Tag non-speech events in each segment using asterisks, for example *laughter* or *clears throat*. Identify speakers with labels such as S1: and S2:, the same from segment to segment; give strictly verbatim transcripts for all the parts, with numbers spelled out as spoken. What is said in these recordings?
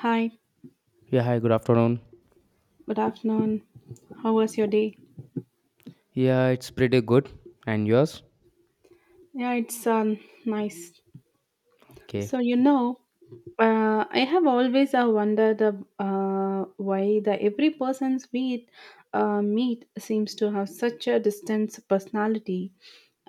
S1: Hi,
S2: Yeah, hi, good afternoon.
S1: good afternoon. How was your day?
S2: Yeah, it's pretty good. And yours?
S1: Yeah, it's um nice.
S2: Okay.
S1: So you know, Uh, I have always uh, wondered uh, uh, why the every person's we uh, meet seems to have such a distinct personality.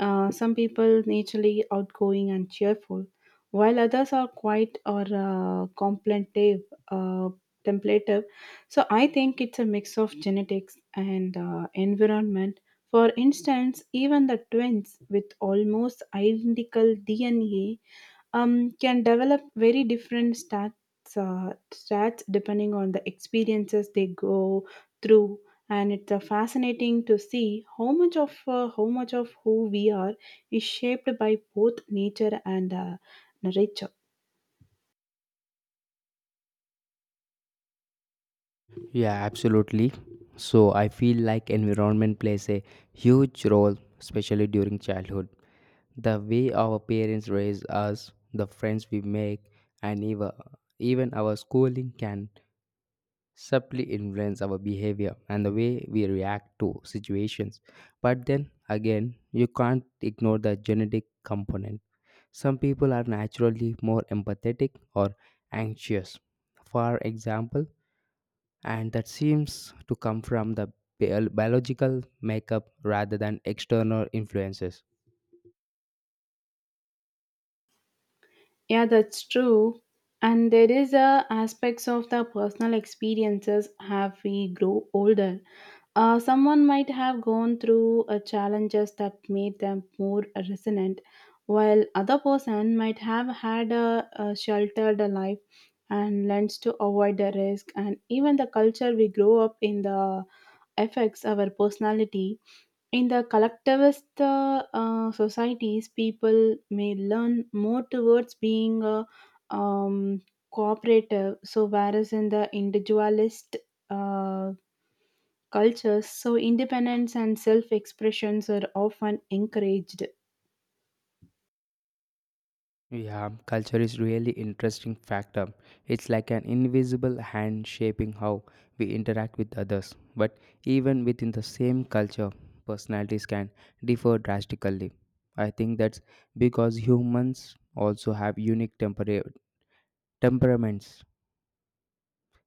S1: Uh, some people naturally outgoing and cheerful, while others are quiet or uh, contemplative. Uh, templative. So I think it's a mix of genetics and uh, environment. For instance, even the twins with almost identical D N A um, can develop very different stats, uh, stats depending on the experiences they go through. And it's uh, fascinating to see how much of uh, how much of who we are is shaped by both nature and uh, nurture.
S2: Yeah, absolutely. So I feel like environment plays a huge role, especially during childhood. The way our parents raise us, the friends we make, and even even our schooling can subtly influence our behavior and the way we react to situations. But then again, you can't ignore the genetic component. Some people are naturally more empathetic or anxious, for example, and that seems to come from the bio- biological makeup rather than external influences.
S1: Yeah, that's true. And there is uh, aspects of the personal experiences have we grow older. Uh, someone might have gone through uh, challenges that made them more resonant, while other person might have had a, a sheltered life and learns to avoid the risk. And even the culture we grow up in the affects our personality. In the collectivist uh, uh, societies, people may learn more towards being a um, cooperative. So, whereas in the individualist uh, cultures, so independence and self expressions are often encouraged.
S2: Yeah, culture is really interesting factor. It's like an invisible hand shaping how we interact with others. But even within the same culture, personalities can differ drastically. I think that's because humans also have unique temper- temperaments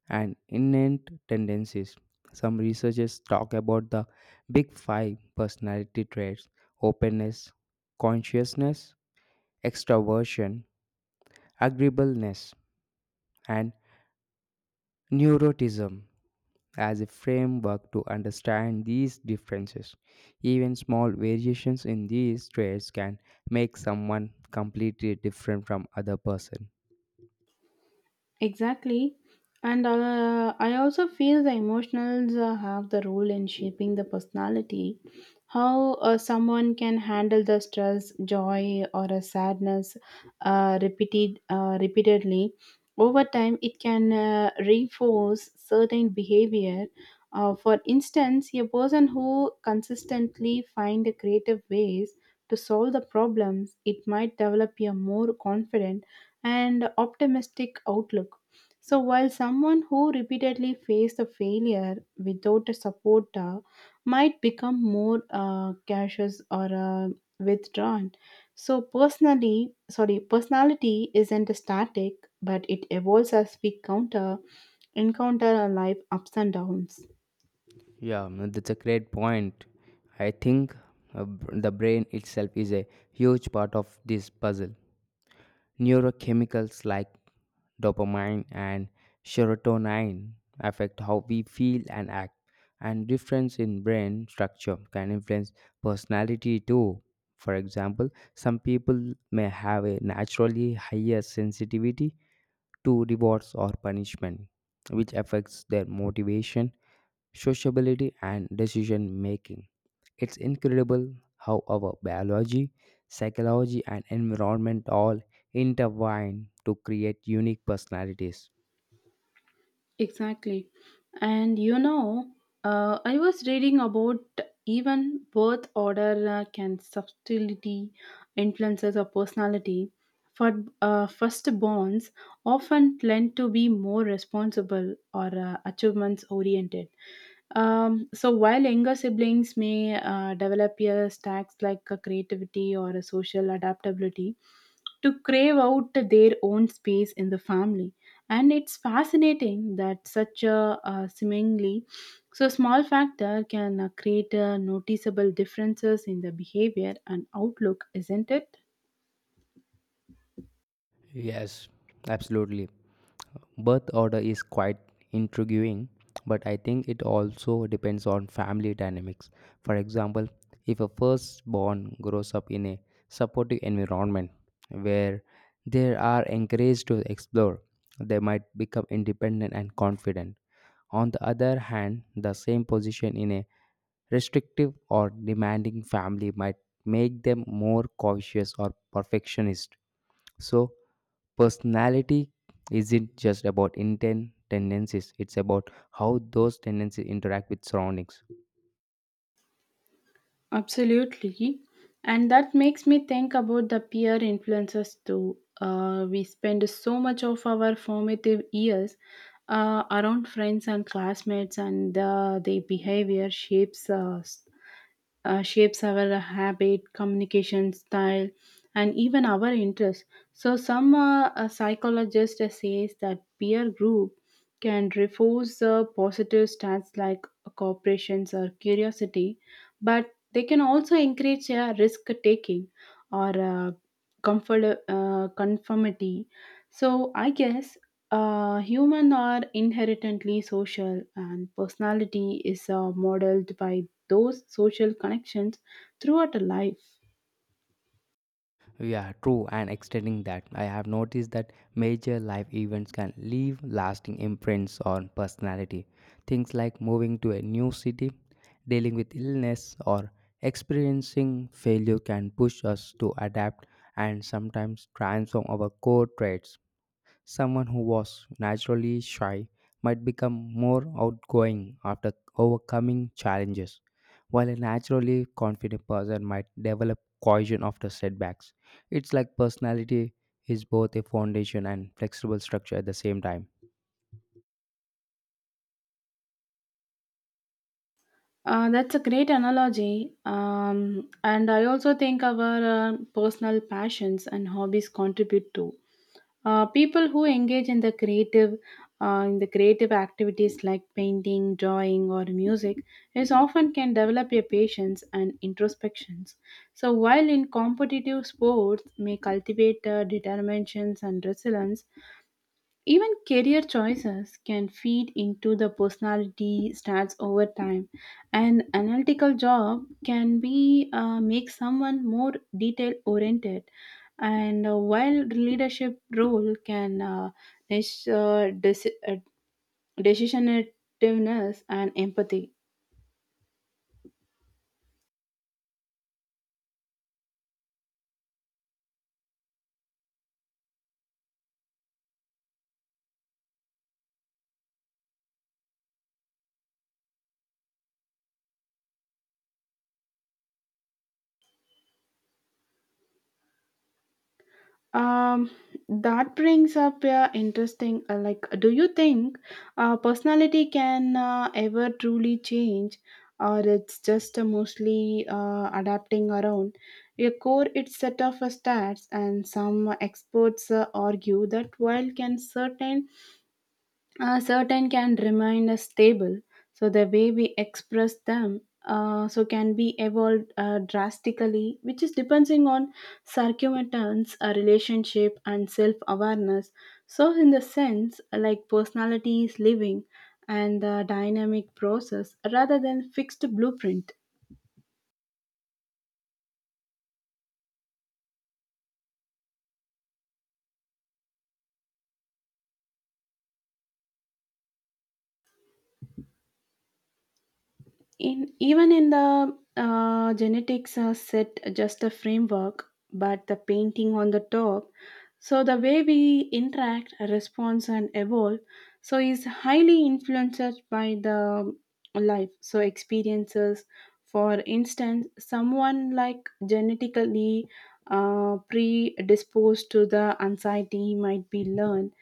S2: and innate tendencies. Some researchers talk about the big five personality traits: openness, consciousness, extroversion, agreeableness, and Neurotism as a framework to understand these differences. Even small variations in these traits can make someone completely different from other person.
S1: Exactly. And uh, I also feel the emotionals uh, have the role in shaping the personality. How uh, someone can handle the stress, joy, or a sadness uh, repeated uh, repeatedly over time, it can uh, reinforce certain behavior. Uh, for instance, a person who consistently find creative ways to solve the problems, it might develop a more confident and optimistic outlook. So, while someone who repeatedly faced a failure without a support uh, might become more uh, cautious or uh, withdrawn. So, personally, sorry, personality isn't static, but it evolves as we counter encounter our life ups and downs.
S2: Yeah, mm, that's a great point. I think uh, b- the brain itself is a huge part of this puzzle. Neurochemicals like dopamine and serotonin affect how we feel and act, and difference in brain structure can influence personality too. For example, some people may have a naturally higher sensitivity to rewards or punishment, which affects their motivation, sociability, and decision making. It's incredible how our biology, psychology, and environment all intertwine to create unique personalities.
S1: Exactly. And you know, uh, I was reading about even birth order uh, can subtlety influences of personality. For uh, firstborns often tend to be more responsible or uh, achievements oriented. Um, so while younger siblings may uh, develop a stacks like a creativity or a social adaptability to crave out their own space in the family, and it's fascinating that such a, uh seemingly so small factor can uh, create uh, noticeable differences in the behavior and outlook, isn't it?
S2: Yes, absolutely. Birth order is quite intriguing, but I think it also depends on family dynamics. For example, if a firstborn grows up in a supportive environment where they are encouraged to explore, they might become independent and confident. On the other hand, the same position in a restrictive or demanding family might make them more cautious or perfectionist. So, personality isn't just about intent tendencies, it's about how those tendencies interact with surroundings.
S1: Absolutely. And that makes me think about the peer influences too. Uh, we spend so much of our formative years uh, around friends and classmates, and uh, their behavior shapes us uh, shapes our habit, communication style, and even our interests. So, some uh, uh, psychologists says that peer group can reinforce uh, positive stats like cooperations or curiosity, but they can also encourage uh, risk taking or uh, comfort uh, conformity. So, I guess. Uh, human are inherently social and personality is uh, modeled by those social connections throughout life.
S2: Yeah, true, and extending that, I have noticed that major life events can leave lasting imprints on personality. Things like moving to a new city, dealing with illness, or experiencing failure can push us to adapt and sometimes transform our core traits. Someone who was naturally shy might become more outgoing after overcoming challenges, while a naturally confident person might develop cohesion after setbacks. It's like personality is both a foundation and flexible structure at the same time.
S1: Uh, that's a great analogy. Um, and I also think our uh, personal passions and hobbies contribute too. Uh, people who engage in the creative uh, in the creative activities like painting, drawing, or music is often can develop a patience and introspections. So while in competitive sports may cultivate uh, determinations and resilience. Even career choices can feed into the personality stats over time. An analytical job can be uh, make someone more detail oriented, and uh, while leadership role can uh, dis- uh, deci- uh, decisionativeness and empathy. Um, that brings up a interesting, uh, like, do you think uh, personality can uh, ever truly change, or it's just uh, mostly uh, adapting around your core? It's set of uh, stats, and some experts uh, argue that while can certain uh, certain can remain as stable, so the way we express them uh, so can be evolved uh, drastically, which is depending on circumstance, a relationship and self awareness. So in the sense like personality is living and the dynamic process rather than fixed blueprint. In even in the uh, genetics uh, set just a framework but the painting on the top, so the way we interact response and evolve so is highly influenced by the life so experiences. For instance someone like genetically uh, predisposed to the anxiety might be learned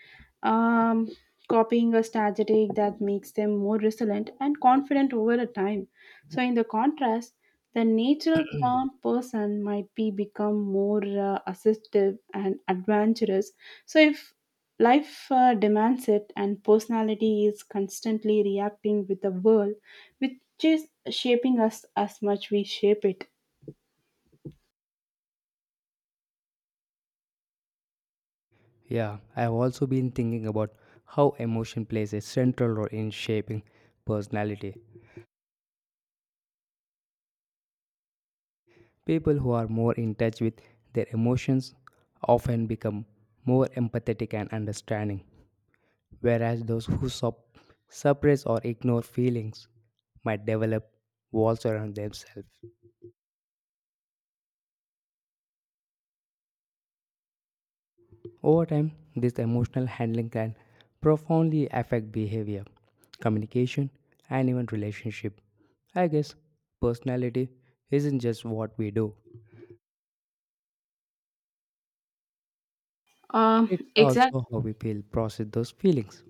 S1: um, copying a strategy that makes them more resilient and confident over a time. So, in the contrast, the natural calm
S2: *clears throat*
S1: person might be become more uh, assertive and adventurous. So, if life uh, demands it and personality is constantly reacting with the world, which is shaping us as much we shape it.
S2: Yeah, I've also been thinking about how emotion plays a central role in shaping personality. People who are more in touch with their emotions often become more empathetic and understanding, whereas those who sup- suppress or ignore feelings might develop walls around themselves. Over time, this emotional handling can profoundly affect behavior, communication, and even relationship. I guess personality isn't just what we do,
S1: Um,
S2: it's
S1: exactly.
S2: also how we feel, process those feelings.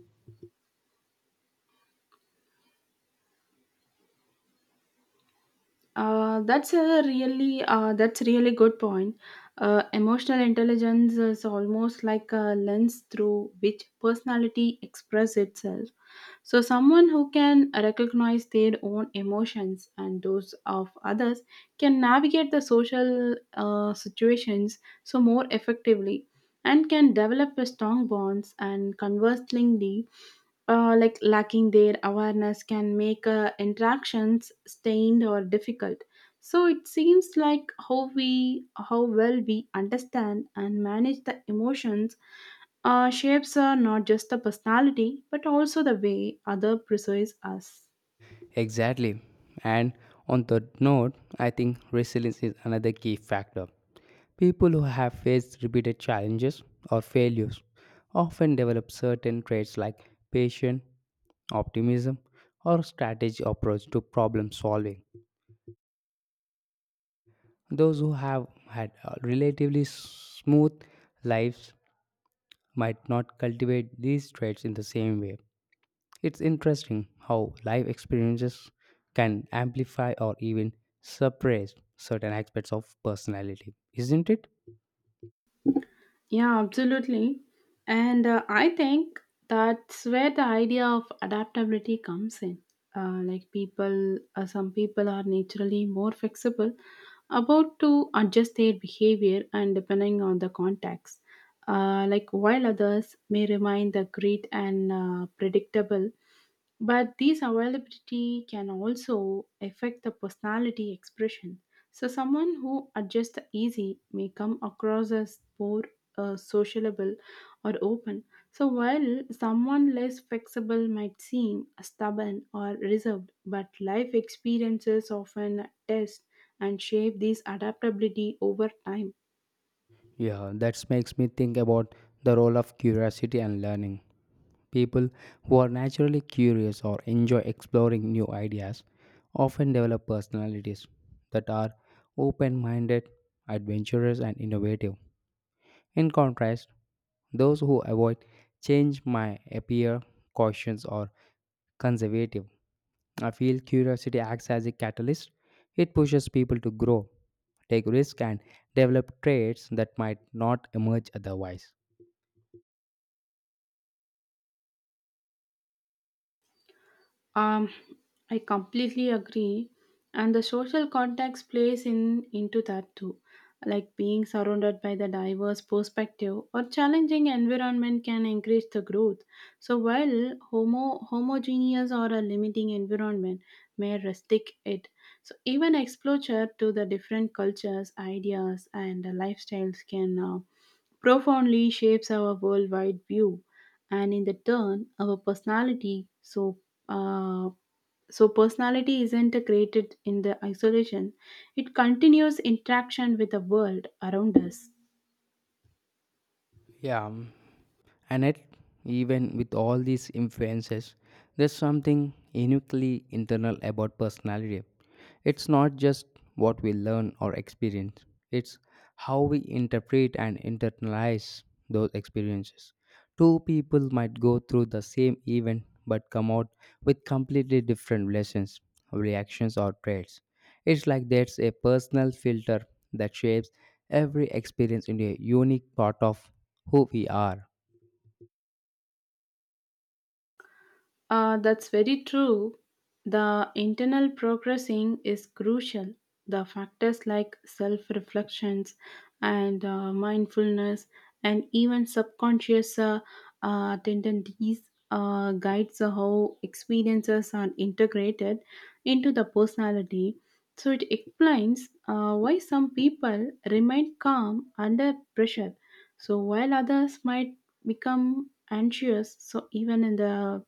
S1: Uh, that's a really uh, that's really good point. Uh, emotional intelligence is almost like a lens through which personality expresses itself. So, someone who can recognize their own emotions and those of others can navigate the social uh, situations so more effectively and can develop a strong bonds, and conversely uh, like lacking their awareness can make uh, interactions stained or difficult. So it seems like how we how well we understand and manage the emotions our shapes are not just the personality, but also the way other perceives us.
S2: Exactly. And on that note, I think resilience is another key factor. People who have faced repeated challenges or failures often develop certain traits like patience, optimism, or strategy approach to problem solving. Those who have had uh, relatively smooth lives might not cultivate these traits in the same way. It's interesting how life experiences can amplify or even suppress certain aspects of personality, isn't it?
S1: Yeah, absolutely. And uh, I think that's where the idea of adaptability comes in. Uh, like people, uh, some people are naturally more flexible about to adjust their behavior and depending on the context. Uh, like while others may remain the great and uh, predictable. But this availability can also affect the personality expression. So someone who adjusts easy may come across as poor, uh, sociable, or open. So while someone less flexible might seem stubborn or reserved, but life experiences often test and shape this adaptability over time.
S2: Yeah, that makes me think about the role of curiosity and learning. People who are naturally curious or enjoy exploring new ideas often develop personalities that are open minded, adventurous, and innovative. In contrast, those who avoid change might appear cautious or conservative. I feel curiosity acts as a catalyst. It pushes people to grow, take risks, and develop traits that might not emerge otherwise.
S1: Um, I completely agree, and the social context plays in into that too. Like being surrounded by the diverse perspective or challenging environment can encourage the growth. So while homo homogeneous or a limiting environment may restrict it, so even exposure to the different cultures, ideas, and lifestyles can uh, profoundly shapes our worldwide view and in the turn our personality. So uh, so personality isn't created in the isolation, it continues interaction with the world around us.
S2: Yeah. And yet, even with all these influences, there's something uniquely internal about personality. It's not just what we learn or experience, it's how we interpret and internalize those experiences. Two people might go through the same event but come out with completely different lessons, reactions, or traits. It's like there's a personal filter that shapes every experience into a unique part of who we are.
S1: Uh, that's very true. The internal progressing is crucial. The factors like self reflections and uh, mindfulness and even subconscious uh, uh, tendencies uh, guides how experiences are integrated into the personality. So it explains uh, why some people remain calm under pressure. So while others might become anxious, so even in the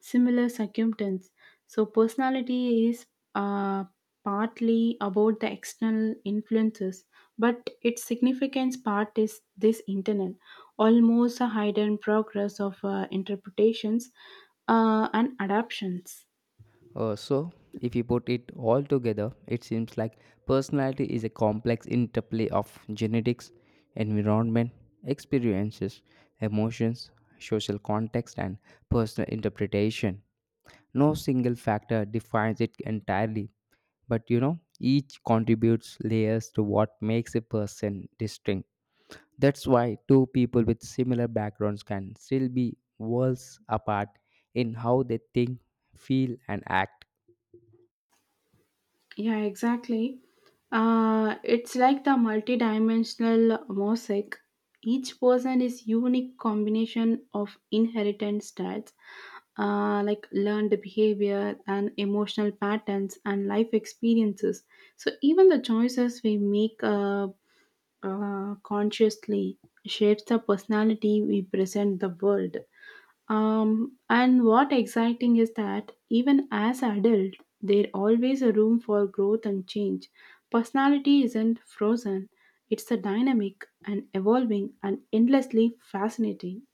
S1: similar circumstance. So, personality is uh, partly about the external influences, but its significance part is this internal, almost a hidden progress of uh, interpretations uh, and adaptations.
S2: Uh, so, if you put it all together, it seems like personality is a complex interplay of genetics, environment, experiences, emotions, social context, and personal interpretation. No single factor defines it entirely, but you know, each contributes layers to what makes a person distinct. That's why two people with similar backgrounds can still be worlds apart in how they think, feel, and act.
S1: Yeah, exactly. Uh, it's like the multidimensional mosaic. Each person is unique combination of inheritance styles, uh, like learned behavior and emotional patterns and life experiences. So even the choices we make uh, uh, consciously shapes the personality we present the world. Um, and what exciting is that even as adult, there always a room for growth and change. Personality isn't frozen; it's a dynamic and evolving and endlessly fascinating.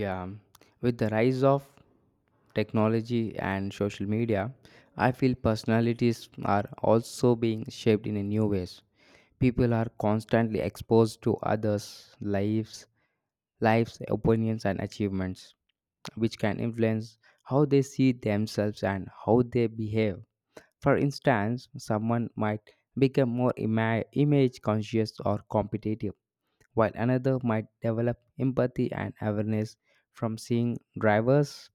S2: Yeah, with the rise of technology and social media, I feel personalities are also being shaped in a new ways. People are constantly exposed to others' lives, lives, opinions, and achievements, which can influence how they see themselves and how they behave. For instance, someone might become more ima- image conscious or competitive, while another might develop empathy and awareness from seeing drivers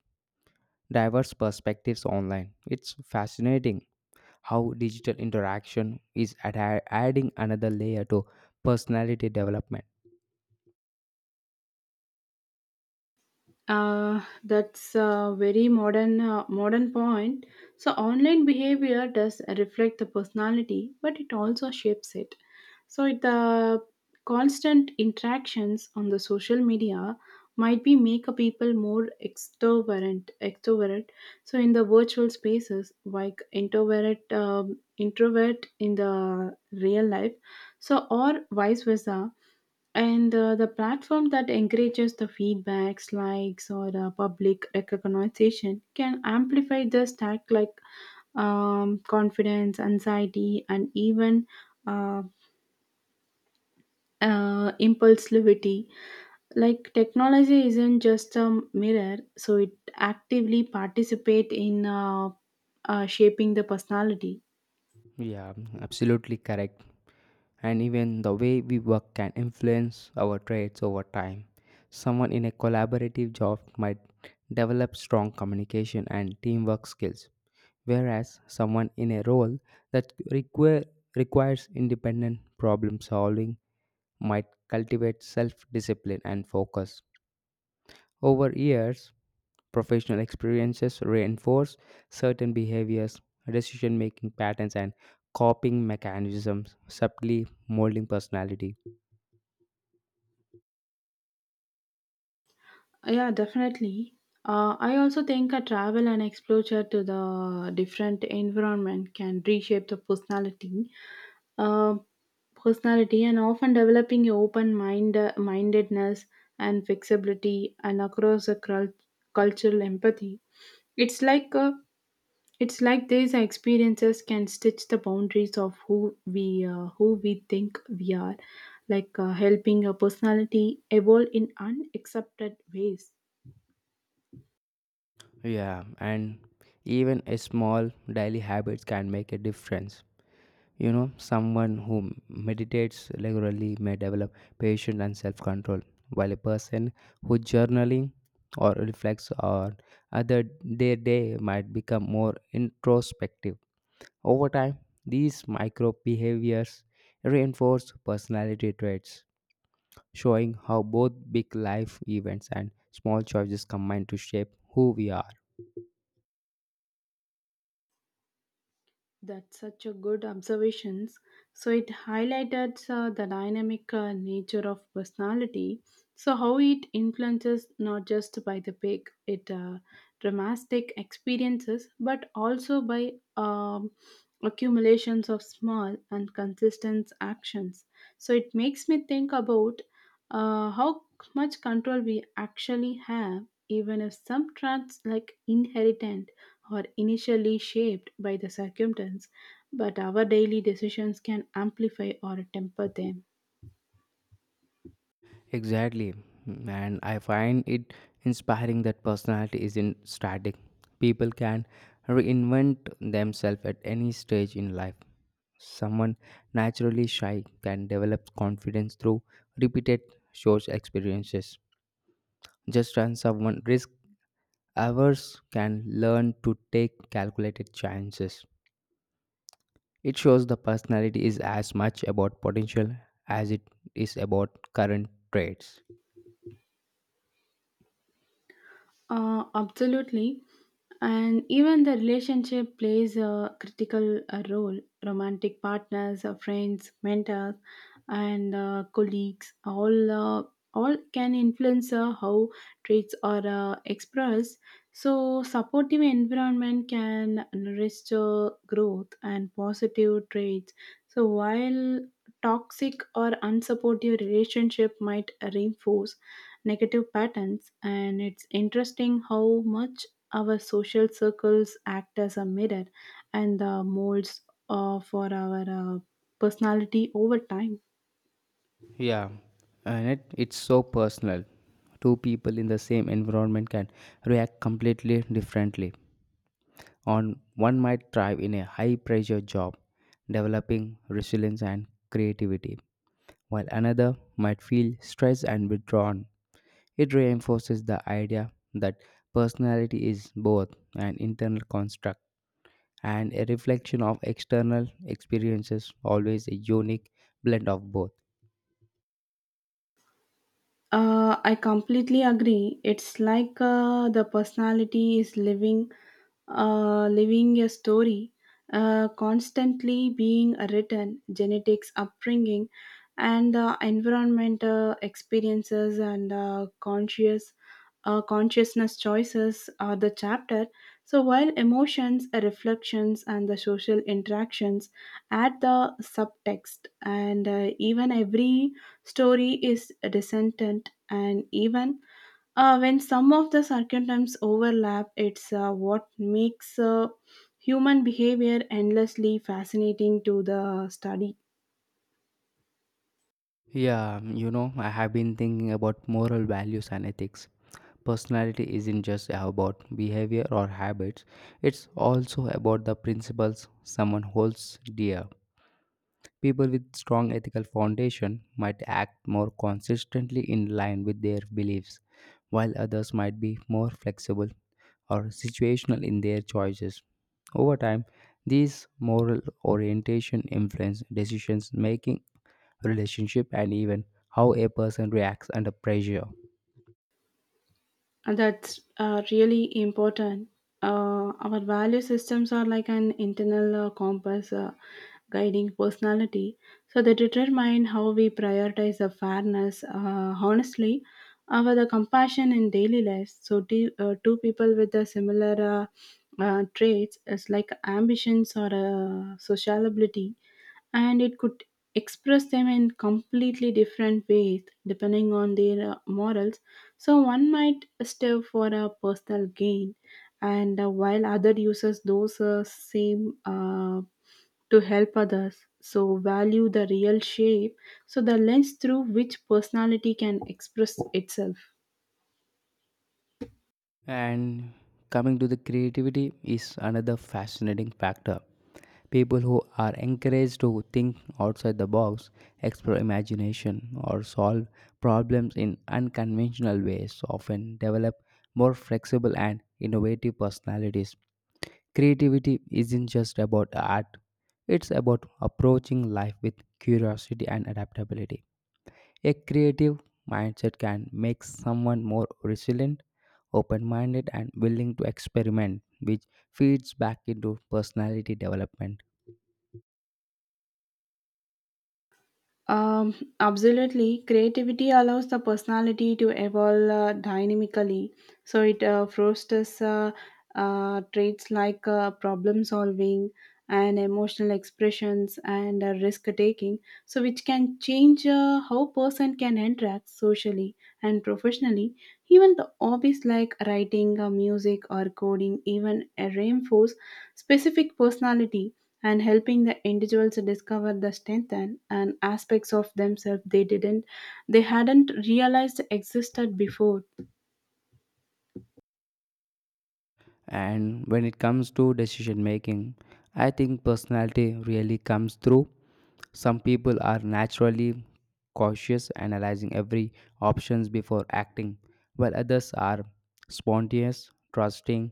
S2: diverse perspectives online. It's fascinating how digital interaction is addi- adding another layer to personality development.
S1: Uh, that's a very modern uh, modern point. So online behavior does reflect the personality, but it also shapes it. So it, the constant interactions on the social media might be make a people more extrovert extrovert so in the virtual spaces like introvert um, introvert in the real life so or vice versa, and uh, the platform that encourages the feedbacks, likes, or uh, public recognition can amplify the stack like um, confidence, anxiety, and even uh, uh, impulsivity. Like technology isn't just a mirror, so it actively participate in uh, uh, shaping the personality.
S2: Yeah, absolutely correct. And even the way we work can influence our traits over time. Someone in a collaborative job might develop strong communication and teamwork skills, whereas someone in a role that require, requires independent problem solving might cultivate self discipline and focus. Over years, professional experiences reinforce certain behaviors, decision making patterns, and coping mechanisms, subtly molding personality.
S1: Yeah, definitely. Uh, I also think a travel and exposure to the different environment can reshape the personality, uh, personality, and often developing a open mind mindedness and flexibility and across a cul- cultural empathy. It's like uh it's like these experiences can stitch the boundaries of who we uh, who we think we are, like uh, helping a personality evolve in unaccepted ways.
S2: Yeah, and even a small daily habits can make a difference. You know, someone who meditates regularly may develop patience and self-control, while a person who journaling or reflects on other their day might become more introspective. Over time, these micro behaviors reinforce personality traits, showing how both big life events and small choices combine to shape who we are.
S1: That's such a good observations. So it highlighted uh, the dynamic uh, nature of personality. So how it influences not just by the big, it uh, dramatic experiences, but also by um, accumulations of small and consistent actions. So it makes me think about uh, how much control we actually have, even if some traits like inheritant or initially shaped by the circumstance, but our daily decisions can amplify or temper them.
S2: Exactly. Mm, and I find it inspiring that personality isn't static. People can reinvent themselves at any stage in life. Someone naturally shy can develop confidence through repeated social experiences. Just as someone risk averse can learn to take calculated chances. It shows the personality is as much about potential as it is about current traits.
S1: Uh, absolutely. And even the relationship plays a critical uh, role. Romantic partners, uh, friends, mentors, and uh, colleagues all uh, all can influence uh, how traits are uh, expressed. So, supportive environment can nurture growth and positive traits. So, while toxic or unsupportive relationship might reinforce negative patterns, and it's interesting how much our social circles act as a mirror and the molds uh, for our uh, personality over time.
S2: Yeah, and it, it's so personal. Two people in the same environment can react completely differently. On one might thrive in a high pressure job, developing resilience and creativity, while another might feel stressed and withdrawn. It reinforces the idea that personality is both an internal construct and a reflection of external experiences, always a unique blend of both.
S1: Uh, I completely agree. It's like uh, the personality is living, uh, living a story, uh, constantly being written. Genetics, upbringing, and uh, environment uh, experiences and uh, conscious uh, consciousness choices are the chapter. So, while emotions, reflections, and the social interactions add the subtext, and uh, even every story is descendant, and even uh, when some of the circumstances overlap, it's uh, what makes uh, human behavior endlessly fascinating to the study.
S2: Yeah, you know, I have been thinking about moral values and ethics. Personality isn't just about behavior or habits, it's also about the principles someone holds dear. People with strong ethical foundation might act more consistently in line with their beliefs, while others might be more flexible or situational in their choices. Over time, these moral orientation influence decisions making, relationship, and even how a person reacts under pressure.
S1: And that's uh, really important. Uh, our value systems are like an internal uh, compass uh, guiding personality, so they determine how we prioritize the fairness, uh, honestly, our the compassion in daily life. So two, uh, two people with the similar uh, uh, traits is like ambitions or uh, sociability, and it could express them in completely different ways depending on their uh, morals. So one might stay for a personal gain, and uh, while other uses those uh, same uh, to help others. So value the real shape, so the lens through which personality can express itself.
S2: And coming to the creativity is another fascinating factor. People who are encouraged to think outside the box, explore imagination, or solve problems in unconventional ways often develop more flexible and innovative personalities. Creativity isn't just about art, it's about approaching life with curiosity and adaptability. A creative mindset can make someone more resilient, open minded, and willing to experiment, which feeds back into personality development.
S1: Um, absolutely. Creativity allows the personality to evolve uh, dynamically. So it uh, fosters uh, uh, traits like uh, problem solving and emotional expressions and uh, risk taking. So which can change uh, how person can interact socially and professionally. Even the hobbies like writing, uh, music, or coding even uh, reinforce specific personality and helping the individuals discover the strength and, and aspects of themselves they didn't they hadn't realized existed before.
S2: And when it comes to decision making, I think personality really comes through. Some people are naturally cautious, analyzing every options before acting, while others are spontaneous, trusting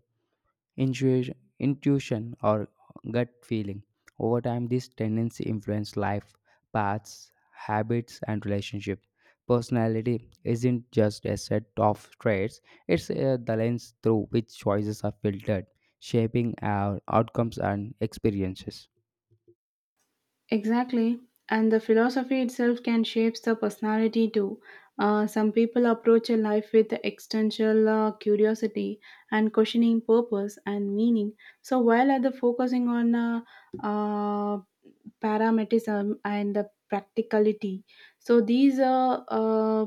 S2: intuition, intuition or gut feeling. Over time, this tendency influence life paths, habits, and relationship. Personality isn't just a set of traits; it's uh, the lens through which choices are filtered, shaping our outcomes and experiences.
S1: Exactly, and the philosophy itself can shape the personality too. Uh, some people approach a life with existential uh, curiosity and questioning purpose and meaning, so while other focusing on uh, uh, parametism and the practicality. So these uh, uh,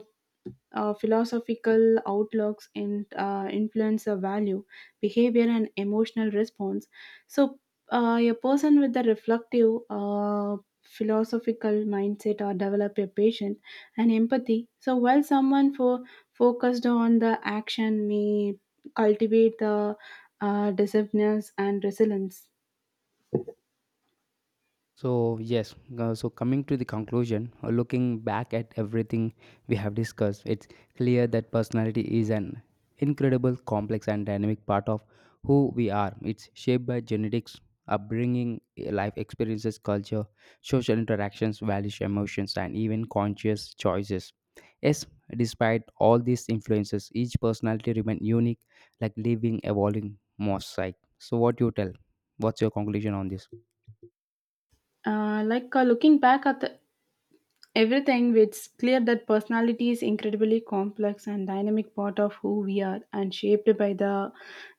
S1: uh, philosophical outlooks and uh, influence the value, behavior, and emotional response. So, uh, a person with a reflective, uh, philosophical mindset or develop a patient and empathy. So, while someone for focused on the action may cultivate the uh, decisiveness and resilience.
S2: So, yes, uh, so coming to the conclusion, uh, looking back at everything we have discussed, it's clear that personality is an incredible, complex, and dynamic part of who we are. It's shaped by genetics, upbringing, eh, life experiences, culture, social interactions, values, emotions, and even conscious choices. Yes, despite all these influences, each personality remains unique, like living, evolving mosaic. So, what do you tell? What's your conclusion on this?
S1: Uh, like uh, looking back at the everything which clear that personality is incredibly complex and dynamic part of who we are, and shaped by the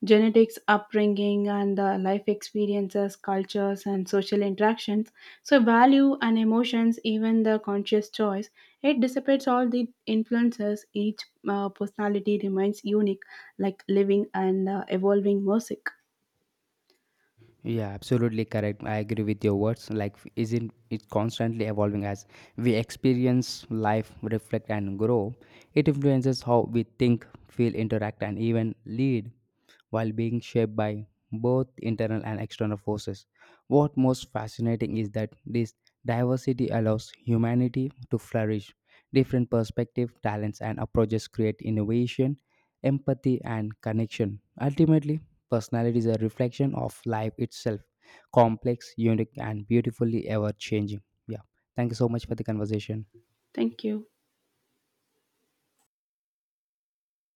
S1: genetics upbringing and the life experiences cultures and social interactions, so value and emotions even the conscious choice. It dissipates all the influences, each uh, personality remains unique, like living and uh, evolving music.
S2: Yeah, absolutely correct. I agree with your words. Like, isn't it constantly evolving as we experience life, reflect, and grow? It influences how we think, feel, interact, and even lead while being shaped by both internal and external forces. What most fascinating is that this diversity allows humanity to flourish. Different perspectives, talents, and approaches create innovation, empathy, and connection. Ultimately, personality is a reflection of life itself, complex, unique, and beautifully ever changing. Yeah. Thank you so much for the conversation.
S1: Thank you.